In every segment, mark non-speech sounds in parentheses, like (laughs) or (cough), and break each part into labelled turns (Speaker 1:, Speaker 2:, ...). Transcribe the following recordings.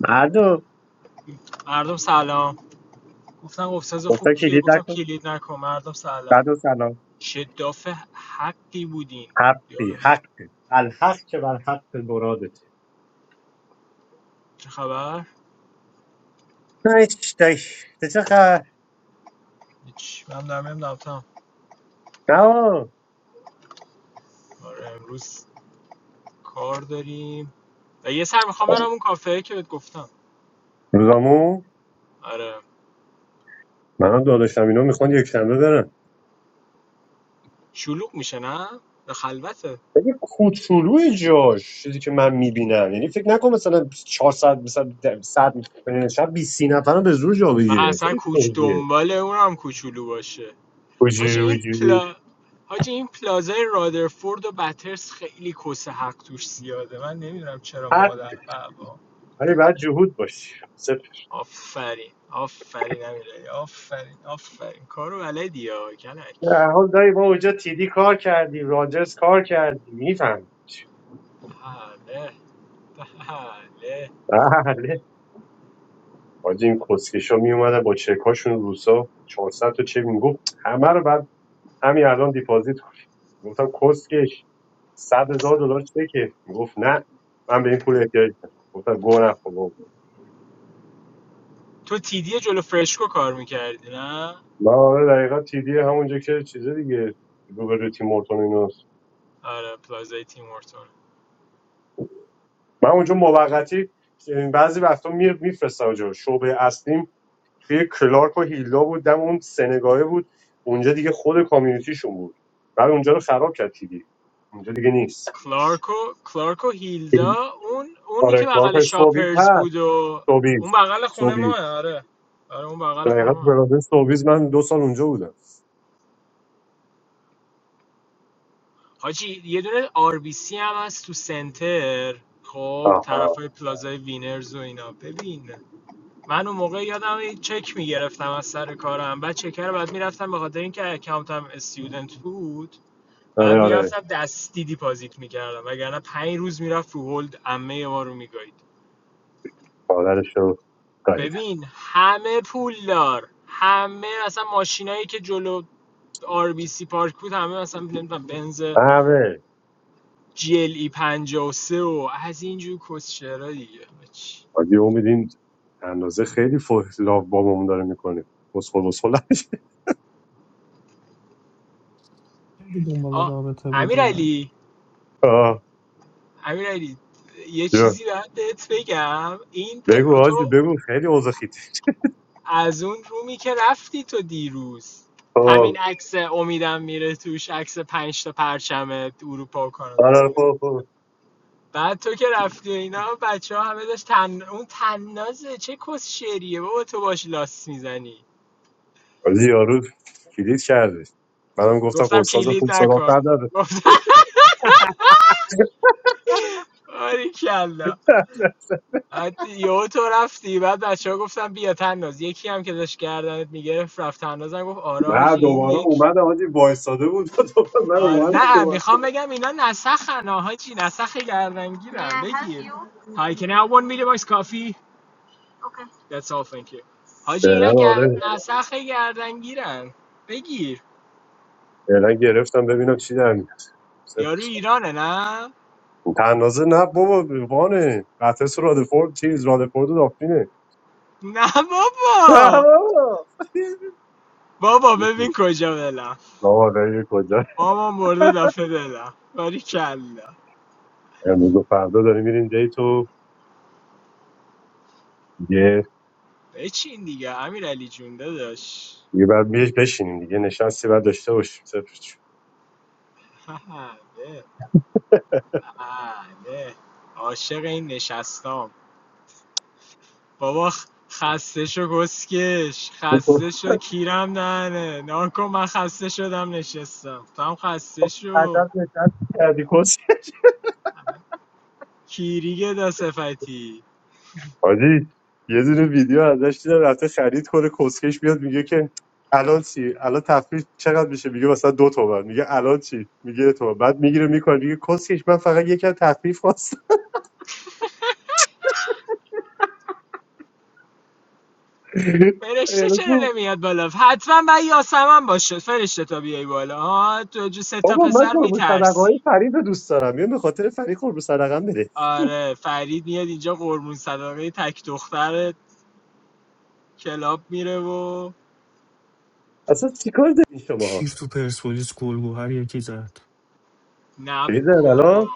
Speaker 1: مردم
Speaker 2: مردم سلام گفتم گفتساز
Speaker 1: گفتن
Speaker 2: خوب کیه
Speaker 1: کلید
Speaker 2: گفتم
Speaker 1: نکن
Speaker 2: کلید نکن مردم سلام
Speaker 1: صد و سلام
Speaker 2: شداف حقی بودین یا
Speaker 1: حقی
Speaker 2: ما
Speaker 1: حقه الحق که بر حق مرادته
Speaker 2: چه خبر
Speaker 1: نه هیچ دایش تو چقدر
Speaker 2: هیچ من در میام دمتم
Speaker 1: نه آقا.
Speaker 2: آره امروز کار داریم و یه سر میخوام برم اون کافه که بهت گفتم
Speaker 1: روزامو
Speaker 2: آره
Speaker 1: من داداشم اینا میخوان یک شنبه برن
Speaker 2: شلوغ میشه نه به خلوته
Speaker 1: بگه کوچولو جاش چیزی که من میبینم یعنی فکر نکن مثلا چهارصد مثلا ده- 100 شب 20 نفر رو به زور جا
Speaker 2: من
Speaker 1: بگیره
Speaker 2: اصلا
Speaker 1: خیلی
Speaker 2: کوچ
Speaker 1: کلیه
Speaker 2: دنبال اونم کوچولو باشه
Speaker 1: وجی
Speaker 2: حاجی این
Speaker 1: وجی
Speaker 2: پلا حاجی این پلازای رادرفورد و بترس خیلی کس حق توش زیاده من نمیدونم چرا
Speaker 1: بعد
Speaker 2: مادر بابا
Speaker 1: ولی بعد جهود باشی سپ-
Speaker 2: آفرین آفرین امیرعلی آفرین آفرین کارو بلدی یا
Speaker 1: در
Speaker 2: کلک
Speaker 1: هر حال دایی ما اونجا تیدی کار کردیم رانجرز کار کردیم میفهم
Speaker 2: بله بله
Speaker 1: بله حاجی این کسکشا میومدن با چکاشون روسا 400 تا چک میگفت همه رو بعد همین الان دیپازیت کن گفتم کسکش 100 هزار دلار چکه میگفت نه من به این پول احتیاج دارم گفتم گو نخور بابا.
Speaker 2: تو تیدی جلو فرشکو کار میکردی نه؟
Speaker 1: نه آره دقیقا تیدی همونجا که چیز دیگه روبروی تیمورتون ایناست
Speaker 2: آره پلازای تیمورتون
Speaker 1: من اونجا موقتی بعضی وقتا میفرستم اونجا شعبه اصلیم توی کلارک و هیلا بود دم اون سنگاهه بود اونجا دیگه خود کامیونیتیشون بود بعد اونجا رو خراب کرد تیوی اونجا دیگه نیست
Speaker 2: کلارکو کلارکو هیلدا اون اونی که
Speaker 1: آره کلارک
Speaker 2: بغل
Speaker 1: های صوبیز
Speaker 2: شاپرز
Speaker 1: هست
Speaker 2: بود و اون
Speaker 1: صوبیز
Speaker 2: بغل خونه
Speaker 1: صوبیز
Speaker 2: ما آره آره اون بغل خونه
Speaker 1: دقیقا تو
Speaker 2: ما
Speaker 1: برادر صوبیز من دو سال اونجا بودم
Speaker 2: حاجی یه دونه آر بی سی هم هست تو سنتر خب
Speaker 1: آها
Speaker 2: طرفای پلازای وینرز و اینا ببین من اون موقع یادم یه چک میگرفتم از سر کارم بعد چکر رو بعد میرفتم به خاطر اینکه اکانتم استودنت بود
Speaker 1: آره
Speaker 2: بعد
Speaker 1: آره
Speaker 2: میرفتم دستی دیپازیت میکردم وگرنه پنج روز میرفت رو هولد امه ما رو میگایید
Speaker 1: مادرش رو گاییدم
Speaker 2: ببین همه پولدار همه اصلا ماشینایی که جلو آر بی سی پارک بود همه اصلا نمیدونم بنز
Speaker 1: آره.
Speaker 2: جی ال ای 53 و سه و از اینجور کسشرا دیگه
Speaker 1: آدی امیدین اندازه خیلی فلاف بابامون داره میکنه بسخول بسخول نمیشه
Speaker 3: خیلی دنبال
Speaker 2: آ
Speaker 3: رابطه
Speaker 2: امیر
Speaker 3: بوده
Speaker 1: آه،
Speaker 2: امیرعلی یه
Speaker 1: بیا.
Speaker 2: چیزی باید بهت بگم این
Speaker 1: بگو
Speaker 2: ت-
Speaker 1: آجی
Speaker 2: تو
Speaker 1: بگو خیلی اوضاع خیته
Speaker 2: از اون رومی که رفتی تو دیروز همین
Speaker 1: آه،
Speaker 2: عکس امیدم میره توش عکس پنج تا پرچم اروپا و کانادا و
Speaker 1: آره
Speaker 2: اینا
Speaker 1: خب خب.
Speaker 2: بعد تو که رفتی و اینا بچه ها همه داشت تن... اون تنازه چه کس شعریه بابا تو باش لاس میزنی
Speaker 1: حاجی یارو کلید کردش منم گفتم
Speaker 2: گفتم
Speaker 1: استاد خوب
Speaker 2: کلید
Speaker 1: سراغ
Speaker 2: نکن
Speaker 1: نداره
Speaker 2: گفتم (laughs) آری کلا بعد یهو تو رفتی بعد بچه ها گفتن بیا تناز یکی هم که داشت گردنت میگرفت رفت تنازم گفت آره
Speaker 1: نه
Speaker 2: حاجی این
Speaker 1: دوباره
Speaker 2: یک
Speaker 1: اومد حاجی وایساده بود (laughs) دوباره من
Speaker 2: آره
Speaker 1: اومدم
Speaker 2: نه
Speaker 1: دوباره
Speaker 2: میخوام بگم اینا نسخن حاجی نسخ گردنگیرن بگیر Hi, can I have one medium iced coffee? Okay. That's all, thank you. حاجی اینا
Speaker 1: فعلا
Speaker 2: گر...
Speaker 1: آره
Speaker 2: نسخ گردنگیرن بگیر
Speaker 1: فعلا گرفتم ببینم چی در میاد
Speaker 2: یارو
Speaker 1: سپش.
Speaker 2: ایرانه نه؟
Speaker 1: تنازه نه بابا وانه قطعه رادفورد چیز رادفورد و دافتینه
Speaker 2: نه
Speaker 1: نه
Speaker 2: بابا
Speaker 1: بابا
Speaker 2: بابا ببین
Speaker 1: (laughs)
Speaker 2: کجا دلم
Speaker 1: بابا داری کجا
Speaker 2: مامان برده دافه دلم باری کلا
Speaker 1: امروز و فردا داریم میریم دیتو دیگه
Speaker 2: بچین دیگه امیر علی جون داداش (laughs)
Speaker 1: دیگه بعد بیش بشینیم دیگه نشستی بعد داشته باشیم سپش
Speaker 2: نه بله عاشق این نشستام بابا خ- خسته شو گسکش خسته
Speaker 1: (laughs)
Speaker 2: شو کیرم نهنه ناکن من خسته شدم نشستم تو هم خسته شو
Speaker 1: عجب نشستی کردی
Speaker 2: کیریگه گدا صفتی
Speaker 1: حاجی یه دونه ویدیو ازش دیدم رفته خرید کنه کسکش بیاد میگه که الان چی الان تخفیف چقدر میشه میگه مثلا دو تومن میگه الان چی میگه یه تومن بعد میگیره میکنه میگه کسکش من فقط یکم تخفیف خواستم (laughs)
Speaker 2: فرشته
Speaker 1: خیلی
Speaker 2: چرا
Speaker 1: خوب.
Speaker 2: نمیاد بالا حتما باید یاسمن باشه فرشته تا بیای بالا ها تو جو سه تا
Speaker 1: بابا من
Speaker 2: پسر
Speaker 1: قربون صدقه های
Speaker 2: میترسی
Speaker 1: فرید رو دوست دارم یه به خاطر فرید قربون صدقه هم بده
Speaker 2: آره فرید میاد اینجا قرمون صدقه تک دختر کلاب میره و
Speaker 1: اصلا چیکار دارین شما ها
Speaker 3: کیر تو پرسپولیس گلگوهر یکی زد
Speaker 2: نه
Speaker 1: چیزن
Speaker 2: بابا
Speaker 1: الان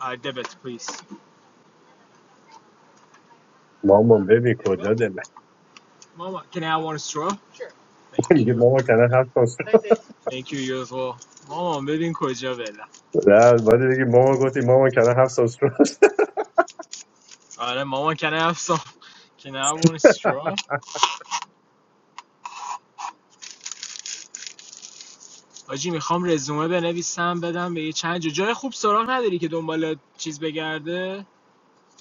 Speaker 2: Uh, debits, please.
Speaker 1: مامان ببین کجا دل
Speaker 2: مامان, can I have one straw? Sure.
Speaker 1: (laughs)
Speaker 2: Thank
Speaker 1: میگه
Speaker 2: you.
Speaker 1: ماما کنه هفت ساس
Speaker 2: Nice day. Thank you, you as well. مامان ببین کجا بله.
Speaker 1: نه باید دیگه ماما گفتی ماما کنه هفت ساس (laughs)
Speaker 2: آره مامان can I have some Can I have one straw? آجی میخوام رزومه بنویسم بدم به یه چند جا جای خوب سراغ نداری که دنبال چیز بگرده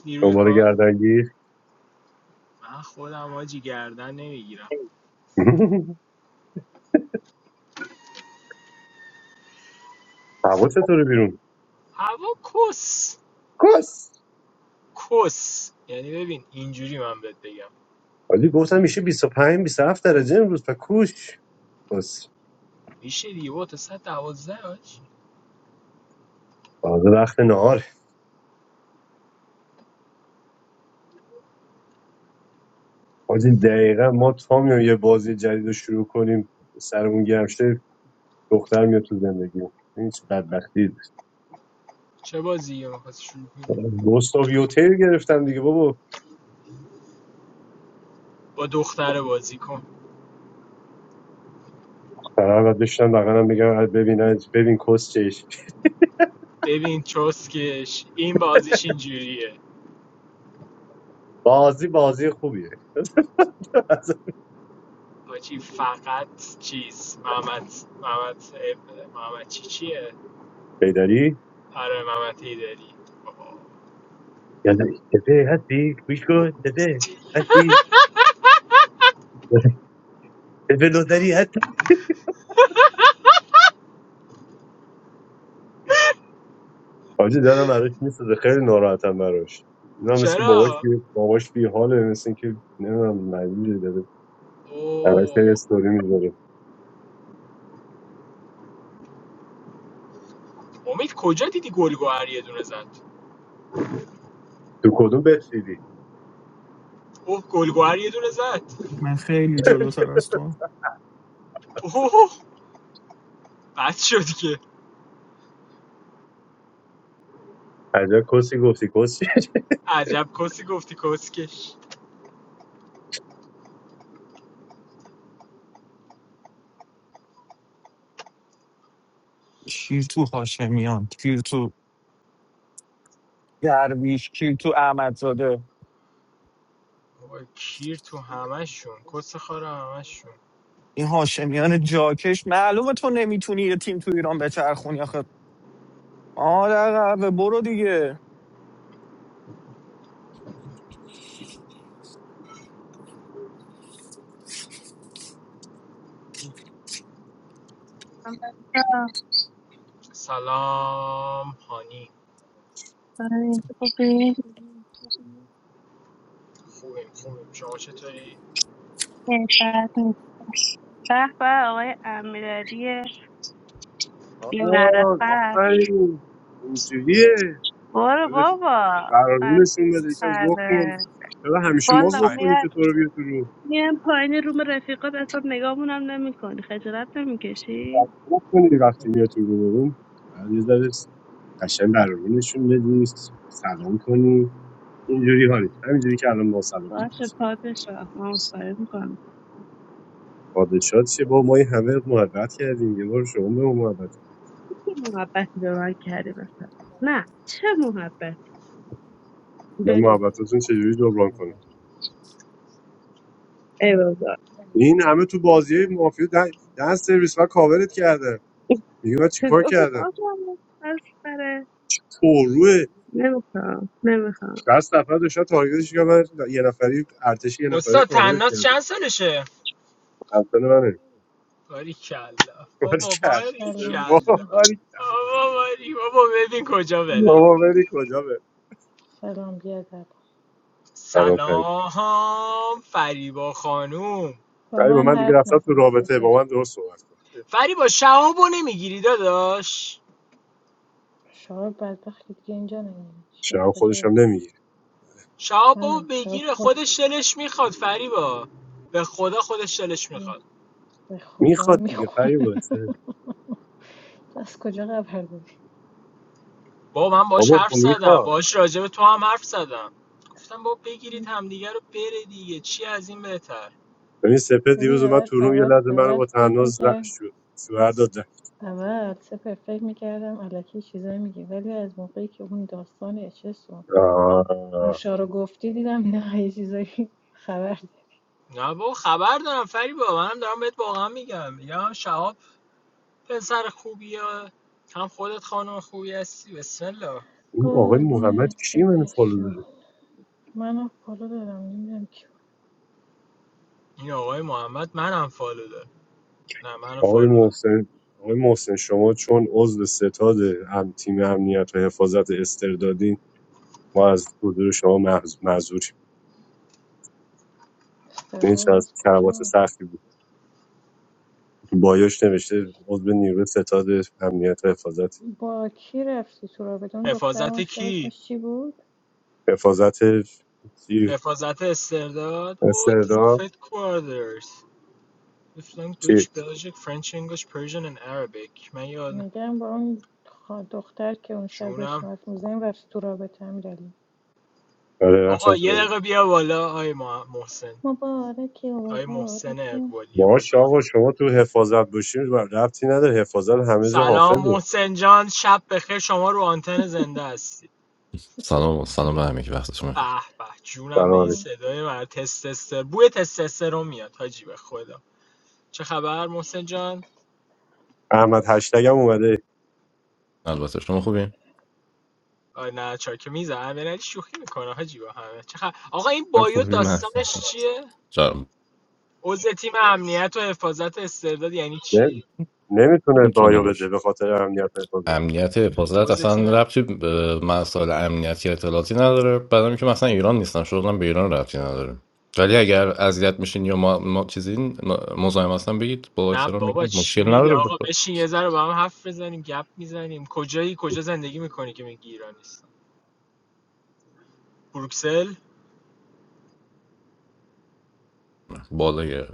Speaker 2: نیروی
Speaker 1: دنبال
Speaker 2: کار
Speaker 1: گردنگیر
Speaker 2: من خودم آجی گردن نمیگیرم
Speaker 1: (laughs) هوا چطوره بیرون
Speaker 2: هوا کس
Speaker 1: کس
Speaker 2: کس یعنی ببین اینجوری من بهت بگم
Speaker 1: ولی گفتم میشه 25 27 درجه امروز تا کوش بس
Speaker 2: میشه دیگه با تا ساعت دوازده آج
Speaker 1: تازه وقت نهار حاجی دقیقا ما تا میام یه بازی جدید رو شروع کنیم سرمون گرم شه دختر میاد تو زندگی این چه بدبختی
Speaker 2: چه بازیه یه میخواست شروع کنی
Speaker 1: گستاو یوتر گرفتم دیگه بابا
Speaker 2: با دختر بازی کن
Speaker 1: قرار بعد داشتم بغلم بگم ببین ببین کس چش
Speaker 2: ببین چسکش این بازیش اینجوریه
Speaker 1: بازی بازی خوبیه (laughs)
Speaker 2: ماچی فقط چیز محمد محمد محمد چی چیه
Speaker 1: بیداری
Speaker 2: آره محمد هیدری
Speaker 1: یعنی تپه هستی گوش کن تپه هستی تپه لوتری حاجی دلم براش میسوزه خیلی ناراحتم براش اینا مثل که باباش
Speaker 2: چرا
Speaker 1: بی... باباش بی حاله مثل که نمیدونم مریضه داره همش یه
Speaker 2: اوه
Speaker 1: استوری میذاره
Speaker 2: امید کجا دیدی گلگوهر یه دونه زد
Speaker 1: تو کدوم بتریدی
Speaker 2: اوه گلگوهر یه دونه زد
Speaker 3: من خیلی
Speaker 1: (laughs)
Speaker 3: جلوتر از تو
Speaker 2: اوه بد شد که
Speaker 1: عجب کسی گفتی کسی
Speaker 2: عجب کسی گفتی کسکش
Speaker 3: کیر تو هاشمیان کیر تو درویش کیر تو احمدزاده
Speaker 2: بابا کیر تو همشون کس خاره همشون
Speaker 3: این هاشمیان جاکش معلومه تو نمیتونی یه تیم تو ایران بچرخونی آخه آره قهوه برو دیگه
Speaker 4: I'm not sure.
Speaker 2: سلام هانی
Speaker 4: I'm not
Speaker 2: خوبیم خوبیم شما چطوری؟
Speaker 4: sure.
Speaker 1: (laughs) آه آفرین اینجوریه
Speaker 4: I'm not
Speaker 1: بعد
Speaker 4: sure.
Speaker 1: قرارونشون بده یکم ذوق کن چرا همیشه ما ذوق
Speaker 3: آره.
Speaker 1: کنیم که تو رو بیا تو رو ذوق کنی وقتی بیا تو رو ببین بعد یه ذره قشنگ قرارونشون بدی سلام کنی اینجوری حالی همینجوری که الان ما سلام کرد پادشاه چیه با ما این همه محبت کردیم یه بار شما به ما محبت کن. من محبتاتون چجوری جبران کنم این همه تو بازی مافیا در, در سرویس و کاورت کردن میگه من چیکار کردم تو روی
Speaker 4: (laughs)
Speaker 1: 60 نفر داشتن تارگتش که من یه نفری ارتشی یه نفری
Speaker 2: استاد
Speaker 1: کاورت
Speaker 2: تناس
Speaker 1: کردم
Speaker 2: چند سالشه؟
Speaker 1: اصلا منه
Speaker 2: باری کلا
Speaker 1: کاری
Speaker 2: بابا
Speaker 1: کرد
Speaker 2: باری
Speaker 5: سلام
Speaker 1: بابا
Speaker 5: سلام
Speaker 1: بری
Speaker 2: بابا باری بابا ببین کجا بلم
Speaker 1: بابا بری کجا بره
Speaker 5: سلام بیادب
Speaker 1: سلام فرید
Speaker 2: سلام فریبا خانوم
Speaker 5: با
Speaker 1: فرید با
Speaker 5: من
Speaker 1: من دیگه
Speaker 5: حرف
Speaker 1: رفتم تو
Speaker 5: نزن
Speaker 1: رابطه
Speaker 5: سپر
Speaker 1: با من درست صحبت کن
Speaker 2: فریبا شهابو نمیگیری داداش
Speaker 5: شعار بدبخت که دیگه اینجا نمیاد چی
Speaker 1: شب
Speaker 5: کجا
Speaker 1: خودشم
Speaker 5: بگیرم
Speaker 1: نمیگیره
Speaker 2: شهابو
Speaker 5: همین شعار
Speaker 2: بگیره
Speaker 5: خودش
Speaker 2: خودش دلش میخواد فریبا به خدا خودش دلش میخواد
Speaker 5: به خدا
Speaker 1: میخواد دیگه
Speaker 5: میخوره
Speaker 1: فرید
Speaker 5: (laughs)
Speaker 1: بابا
Speaker 5: تو از کجا خبر داری
Speaker 2: بابا من باش
Speaker 1: بابا
Speaker 2: حرف
Speaker 1: خب میخواد
Speaker 2: زدم باش راجع به تو هم حرف زدم گفتم بابا بگیرید همدیگه رو بره دیگه چی از این بهتر
Speaker 1: ببین سپه دیروز
Speaker 5: ببین
Speaker 1: من
Speaker 5: اول
Speaker 1: تو روم یه
Speaker 5: اول
Speaker 1: لحظه منو
Speaker 5: اول
Speaker 1: با
Speaker 5: فکر
Speaker 1: تناز
Speaker 5: میکرد
Speaker 1: شوهر داده
Speaker 5: اول سپر فکر میکردم علکی چیزایی میگه ولی از موقعی که اون داستان اچس و
Speaker 1: آه.
Speaker 5: نوشا رو گفتی دیدم نه یه چیزایی خبر داری.
Speaker 2: نه بابا خبر دارم فریبا منم دارم بهت واقعا میگم میگم هم شهاب پسر خوبیه هم خودت خانم خوبی هستی بسم الله
Speaker 1: این آقای محمد
Speaker 5: قربونت
Speaker 1: کی من
Speaker 5: سپر
Speaker 1: فالو
Speaker 5: شو
Speaker 1: داره
Speaker 5: منم بالا دارم نمیدونم کی بود
Speaker 2: این آقای محمد منم فالو داره نه منو
Speaker 1: آقای
Speaker 2: فالو نه.
Speaker 1: محسن آقای محسن شما چون عضو ستاد هم تیم امنیت و حفاظت استردادین ما از حضور شما محض- معذوریم این چه
Speaker 5: استرداد
Speaker 1: از
Speaker 5: از
Speaker 1: کربات
Speaker 5: کجا
Speaker 1: سختی بود تو بایاش نوشته عضو نیروی ستاد امنیت و حفاظت
Speaker 5: با کی رفتی تو رابطه اون دختر
Speaker 2: حفاظت
Speaker 5: اون شب
Speaker 2: کی
Speaker 5: اسمش چی بود
Speaker 1: حفاظت چی؟
Speaker 2: حفاظت استرداد او تیم
Speaker 1: استرداد
Speaker 2: فت کوارترز If
Speaker 1: چی
Speaker 2: language, Belgic, French, English, Persian and Arabic. من یاد
Speaker 5: نگرم با اون خا- دختر که اون شب
Speaker 2: جونم
Speaker 5: داشت حرف می‌زدیم رفتی تو رابطه امیرعلی
Speaker 1: آره رفتم
Speaker 2: آقا
Speaker 1: تو
Speaker 2: یه دقیقه بیا بالا آی ما- محسن
Speaker 5: مبارکه و
Speaker 2: آی محسن
Speaker 5: مبارکه
Speaker 2: اقبالی
Speaker 1: باش
Speaker 2: بزرگ
Speaker 1: آقا شما تو حفاظت باشین و ربطی نداره حفاظت همه جا
Speaker 2: سلام
Speaker 1: حافظه
Speaker 2: محسن جان شب بخیر شما رو آنتن زنده هستید
Speaker 6: سلام و سلام به همه که وقت شما بخیر
Speaker 2: به به
Speaker 1: در
Speaker 2: جونم به این
Speaker 1: حال.
Speaker 5: سپهرم
Speaker 2: صدای من تستستر بوی تستسترون میاد حاجی به خدا چه خبر محسن جان
Speaker 1: احمد هشتگ هم اومده
Speaker 6: البته شما خوبین
Speaker 2: آه نه چاکه میزنم یعنی شوخی میکنه حاجی با همه چه خبر آقا این
Speaker 6: من
Speaker 2: بایو
Speaker 6: خوبی من
Speaker 2: داستانش چیه
Speaker 6: چرا
Speaker 2: عضو تیم امنیت و حفاظت استرداد یعنی
Speaker 1: نه
Speaker 2: چی
Speaker 1: نمیتونه
Speaker 6: میتونه
Speaker 1: بایو بده
Speaker 6: باشه
Speaker 1: به خاطر امنیت حفاظت
Speaker 6: امنیت حفاظت
Speaker 2: عضو تیم
Speaker 6: اصلا ربطی به مسائل امنیتی اطلاعاتی نداره بعدم اینکه مثلا ایران نیستن شغلم به ایران ربطی نداره ولی اگر اذیت میشین یا ما, ما چیزی ما- مزاحم هستن بگید با
Speaker 2: نه
Speaker 6: احترام
Speaker 2: بابا
Speaker 6: میگن
Speaker 2: چی
Speaker 6: مشکل
Speaker 2: میگی
Speaker 6: نداره
Speaker 2: آقا
Speaker 6: بخ-
Speaker 2: بشین یه ذره با هم حرف بزنیم گپ میزنیم کجایی کجا زندگی میکنی که میگی ایران نیستم بروکسل
Speaker 6: بالای اه،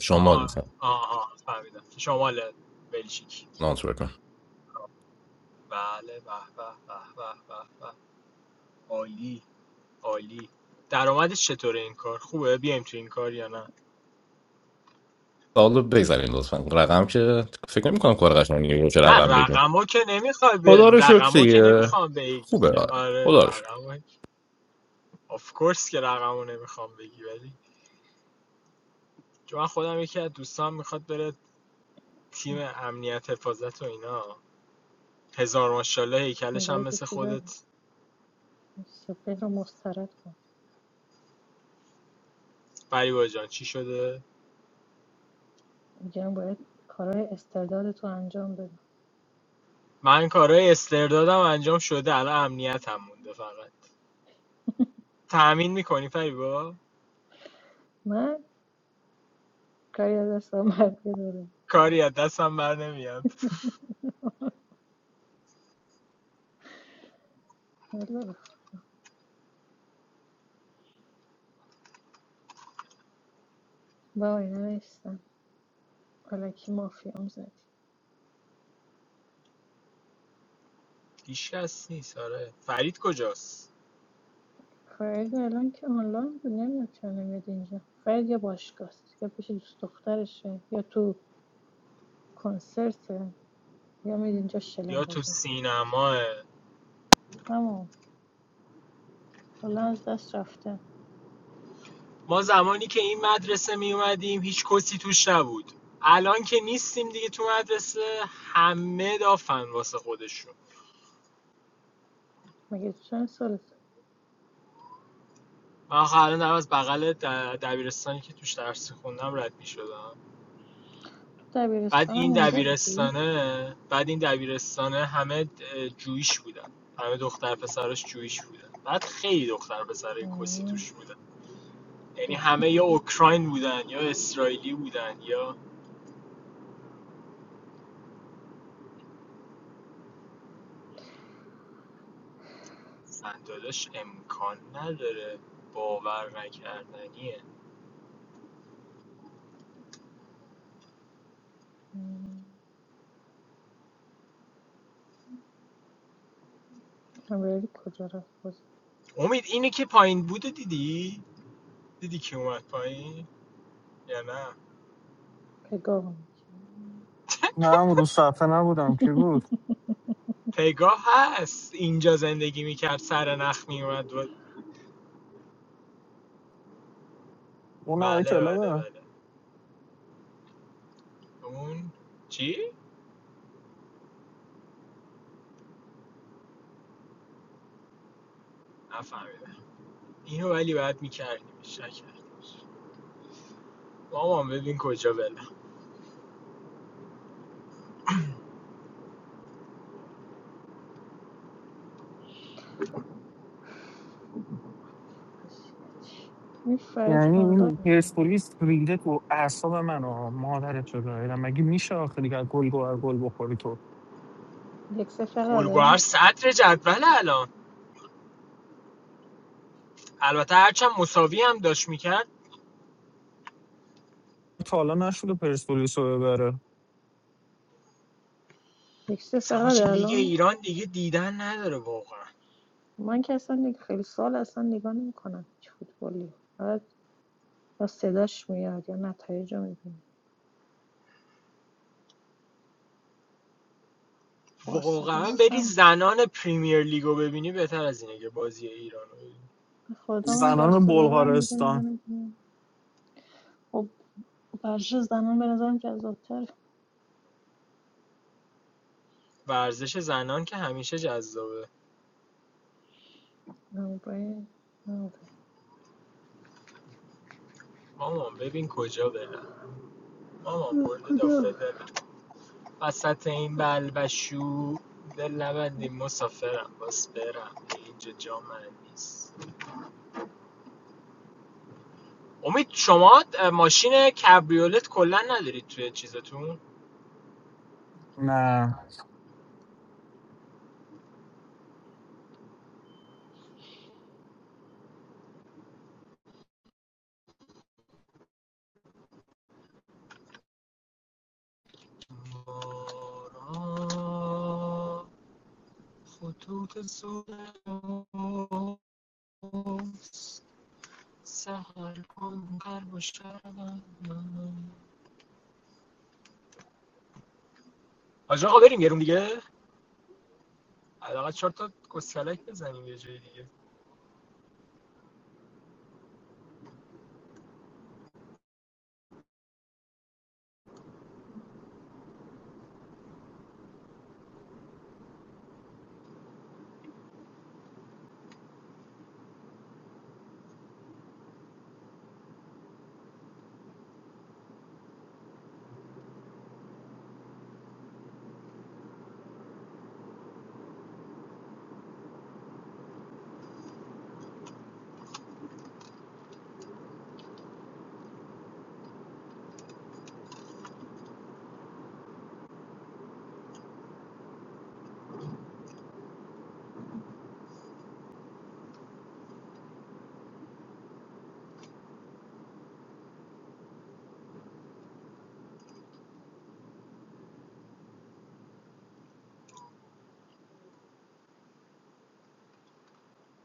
Speaker 6: شمال
Speaker 2: آه
Speaker 6: میشن
Speaker 2: آه, آه فهمیدم شمال بلژیک
Speaker 6: نانتورک
Speaker 2: بله به به به به به به عالی عالی درآمدش چطوره این کار خوبه بیایم تو این کار یا نه
Speaker 6: سوالو بگذارین لطفا رقم که فکر نمی کنم کار قشنگیه که
Speaker 2: نه
Speaker 6: رقم بگین
Speaker 2: رقمو که نمیخوای به
Speaker 6: خدا رو شکر
Speaker 2: رقمو که
Speaker 6: دیگه
Speaker 2: نمیخوام بگی
Speaker 6: خوبه
Speaker 2: که
Speaker 6: آره.
Speaker 2: آره
Speaker 6: خدا رو شکر.
Speaker 2: رقمو of course که رقمو نمیخوام بگی ولی چون من خودم یکی از دوستان میخواد بره تیم امنیت حفاظت و اینا هزار ماشاءالله هیکلش هم
Speaker 5: باید یه
Speaker 2: مثل
Speaker 5: چی بگم
Speaker 2: خودت
Speaker 5: سپهر رو مسترد کن
Speaker 2: فریبا جان چی شده
Speaker 5: میگم باید کارهای استرداد تو انجام بدم
Speaker 2: من کارهای استردادم انجام شده الان امنیت هم مونده فقط تأمین میکنی فریبا
Speaker 5: من کاری از دستم برمیداره
Speaker 2: کاری از دستم بر نمیاد
Speaker 5: (laughs) والا با اینا نیستم الکی مافیام زدی
Speaker 2: هیچ کس نیست آره فرید کجاست
Speaker 5: فرید الان که آنلاین بود نمیتونه بیاد اینجا فرید یا باشگاه است یا پیش دوست دخترشه یا تو کنسرته یا میاد اینجا شلم
Speaker 2: یا تو
Speaker 5: بازی میکنه
Speaker 2: سینماه
Speaker 5: اما کلا از دست رفته
Speaker 2: ما زمانی که این مدرسه می اومدیم هیچ کسی توش نبود الان که نیستیم دیگه تو مدرسه همه دافن واسه خودشون
Speaker 5: مگه تو چند سالته
Speaker 2: من حالا الان دارم از بغل د- دبیرستانی که توش درس خوندم رد می
Speaker 5: تو
Speaker 2: بعد
Speaker 5: دبیرستانم
Speaker 2: این
Speaker 5: اونجا بودی
Speaker 2: دبیرستانه بعد این دبیرستانه همه د- جویش بودن همه دختر پسرش جویش بودن بعد خیلی دختر پسر کسی
Speaker 5: مم.
Speaker 2: توش بودن یعنی
Speaker 5: یه.
Speaker 2: همه یا اوکراین بودن یا اسرائیلی بودن یا انداداش امکان نداره باور نکردنیه
Speaker 5: مم. من برای کجا رفت بازم
Speaker 2: امید اینی که پایین بوده دیدی؟ دیدی که اومد پایین؟ یا نه؟
Speaker 5: پگاه هم میکنم
Speaker 3: نه
Speaker 2: (laughs)
Speaker 3: هم رو صفحه نبودم که
Speaker 5: (laughs)
Speaker 3: بود
Speaker 2: پگاه هست اینجا زندگی میکرد سر نخ میومد و...
Speaker 3: اون آقای
Speaker 2: بله بله
Speaker 3: کلابه
Speaker 2: بله اون چی؟ نفهمیدم اینو ولی باید میکردیم نکردیمش مامان ببین کجا بلم
Speaker 5: این فرید
Speaker 3: یعنی این
Speaker 5: آنلاین ها.
Speaker 3: پرسپولیس ریده تو اعصاب من آقا مادرت رو گاییدم مگه میشه آخه دیگه از گل گوهر گل بخوری تو
Speaker 5: یک صفر قبل
Speaker 2: گلگوهر صدر جدول الان البته هرچند مساوی هم داشت میکرد
Speaker 3: تا حالا نشده پرسپولیس رو ببره
Speaker 5: یک صفر
Speaker 2: سماجی
Speaker 5: قبل
Speaker 2: لیگ
Speaker 5: الان
Speaker 2: ایران دیگه دیدن نداره واقعا
Speaker 5: من که اصلا خیلی سال اصلا نگاه نمیکنم هیچ فوتبالی فقط یا صداش میاد یا نتایج رو میبینه
Speaker 2: واقعا
Speaker 5: بارسلوناش
Speaker 2: بری
Speaker 5: هم
Speaker 2: زنان پریمیر لیگو ببینی بهتر از اینه که بازی ایران رو ببینی
Speaker 5: به خدا من
Speaker 3: زنان
Speaker 5: بارسلونا رو هم دیگه نگاه
Speaker 3: بلغارستان
Speaker 5: نمیکنم خب ورزش زنان به نظرم جذابتر
Speaker 2: ورزش زنان که همیشه جذابه
Speaker 5: نمره نمره
Speaker 2: مامان ببین کجا بلم مامان بریدت
Speaker 5: کجا
Speaker 2: افتاده وسط این بلبشو دل نبندی مسافرم باز برم اینجا جا من نیست امید شما ماشین کبریولت کلا ندارید توی چیزتون
Speaker 3: نه
Speaker 2: باران خطوط زلفت سهر کن بر با شرمم. حاج بریم یه روم دیگه حداقل چهار تا کسکلک بزنیم یه جای دیگه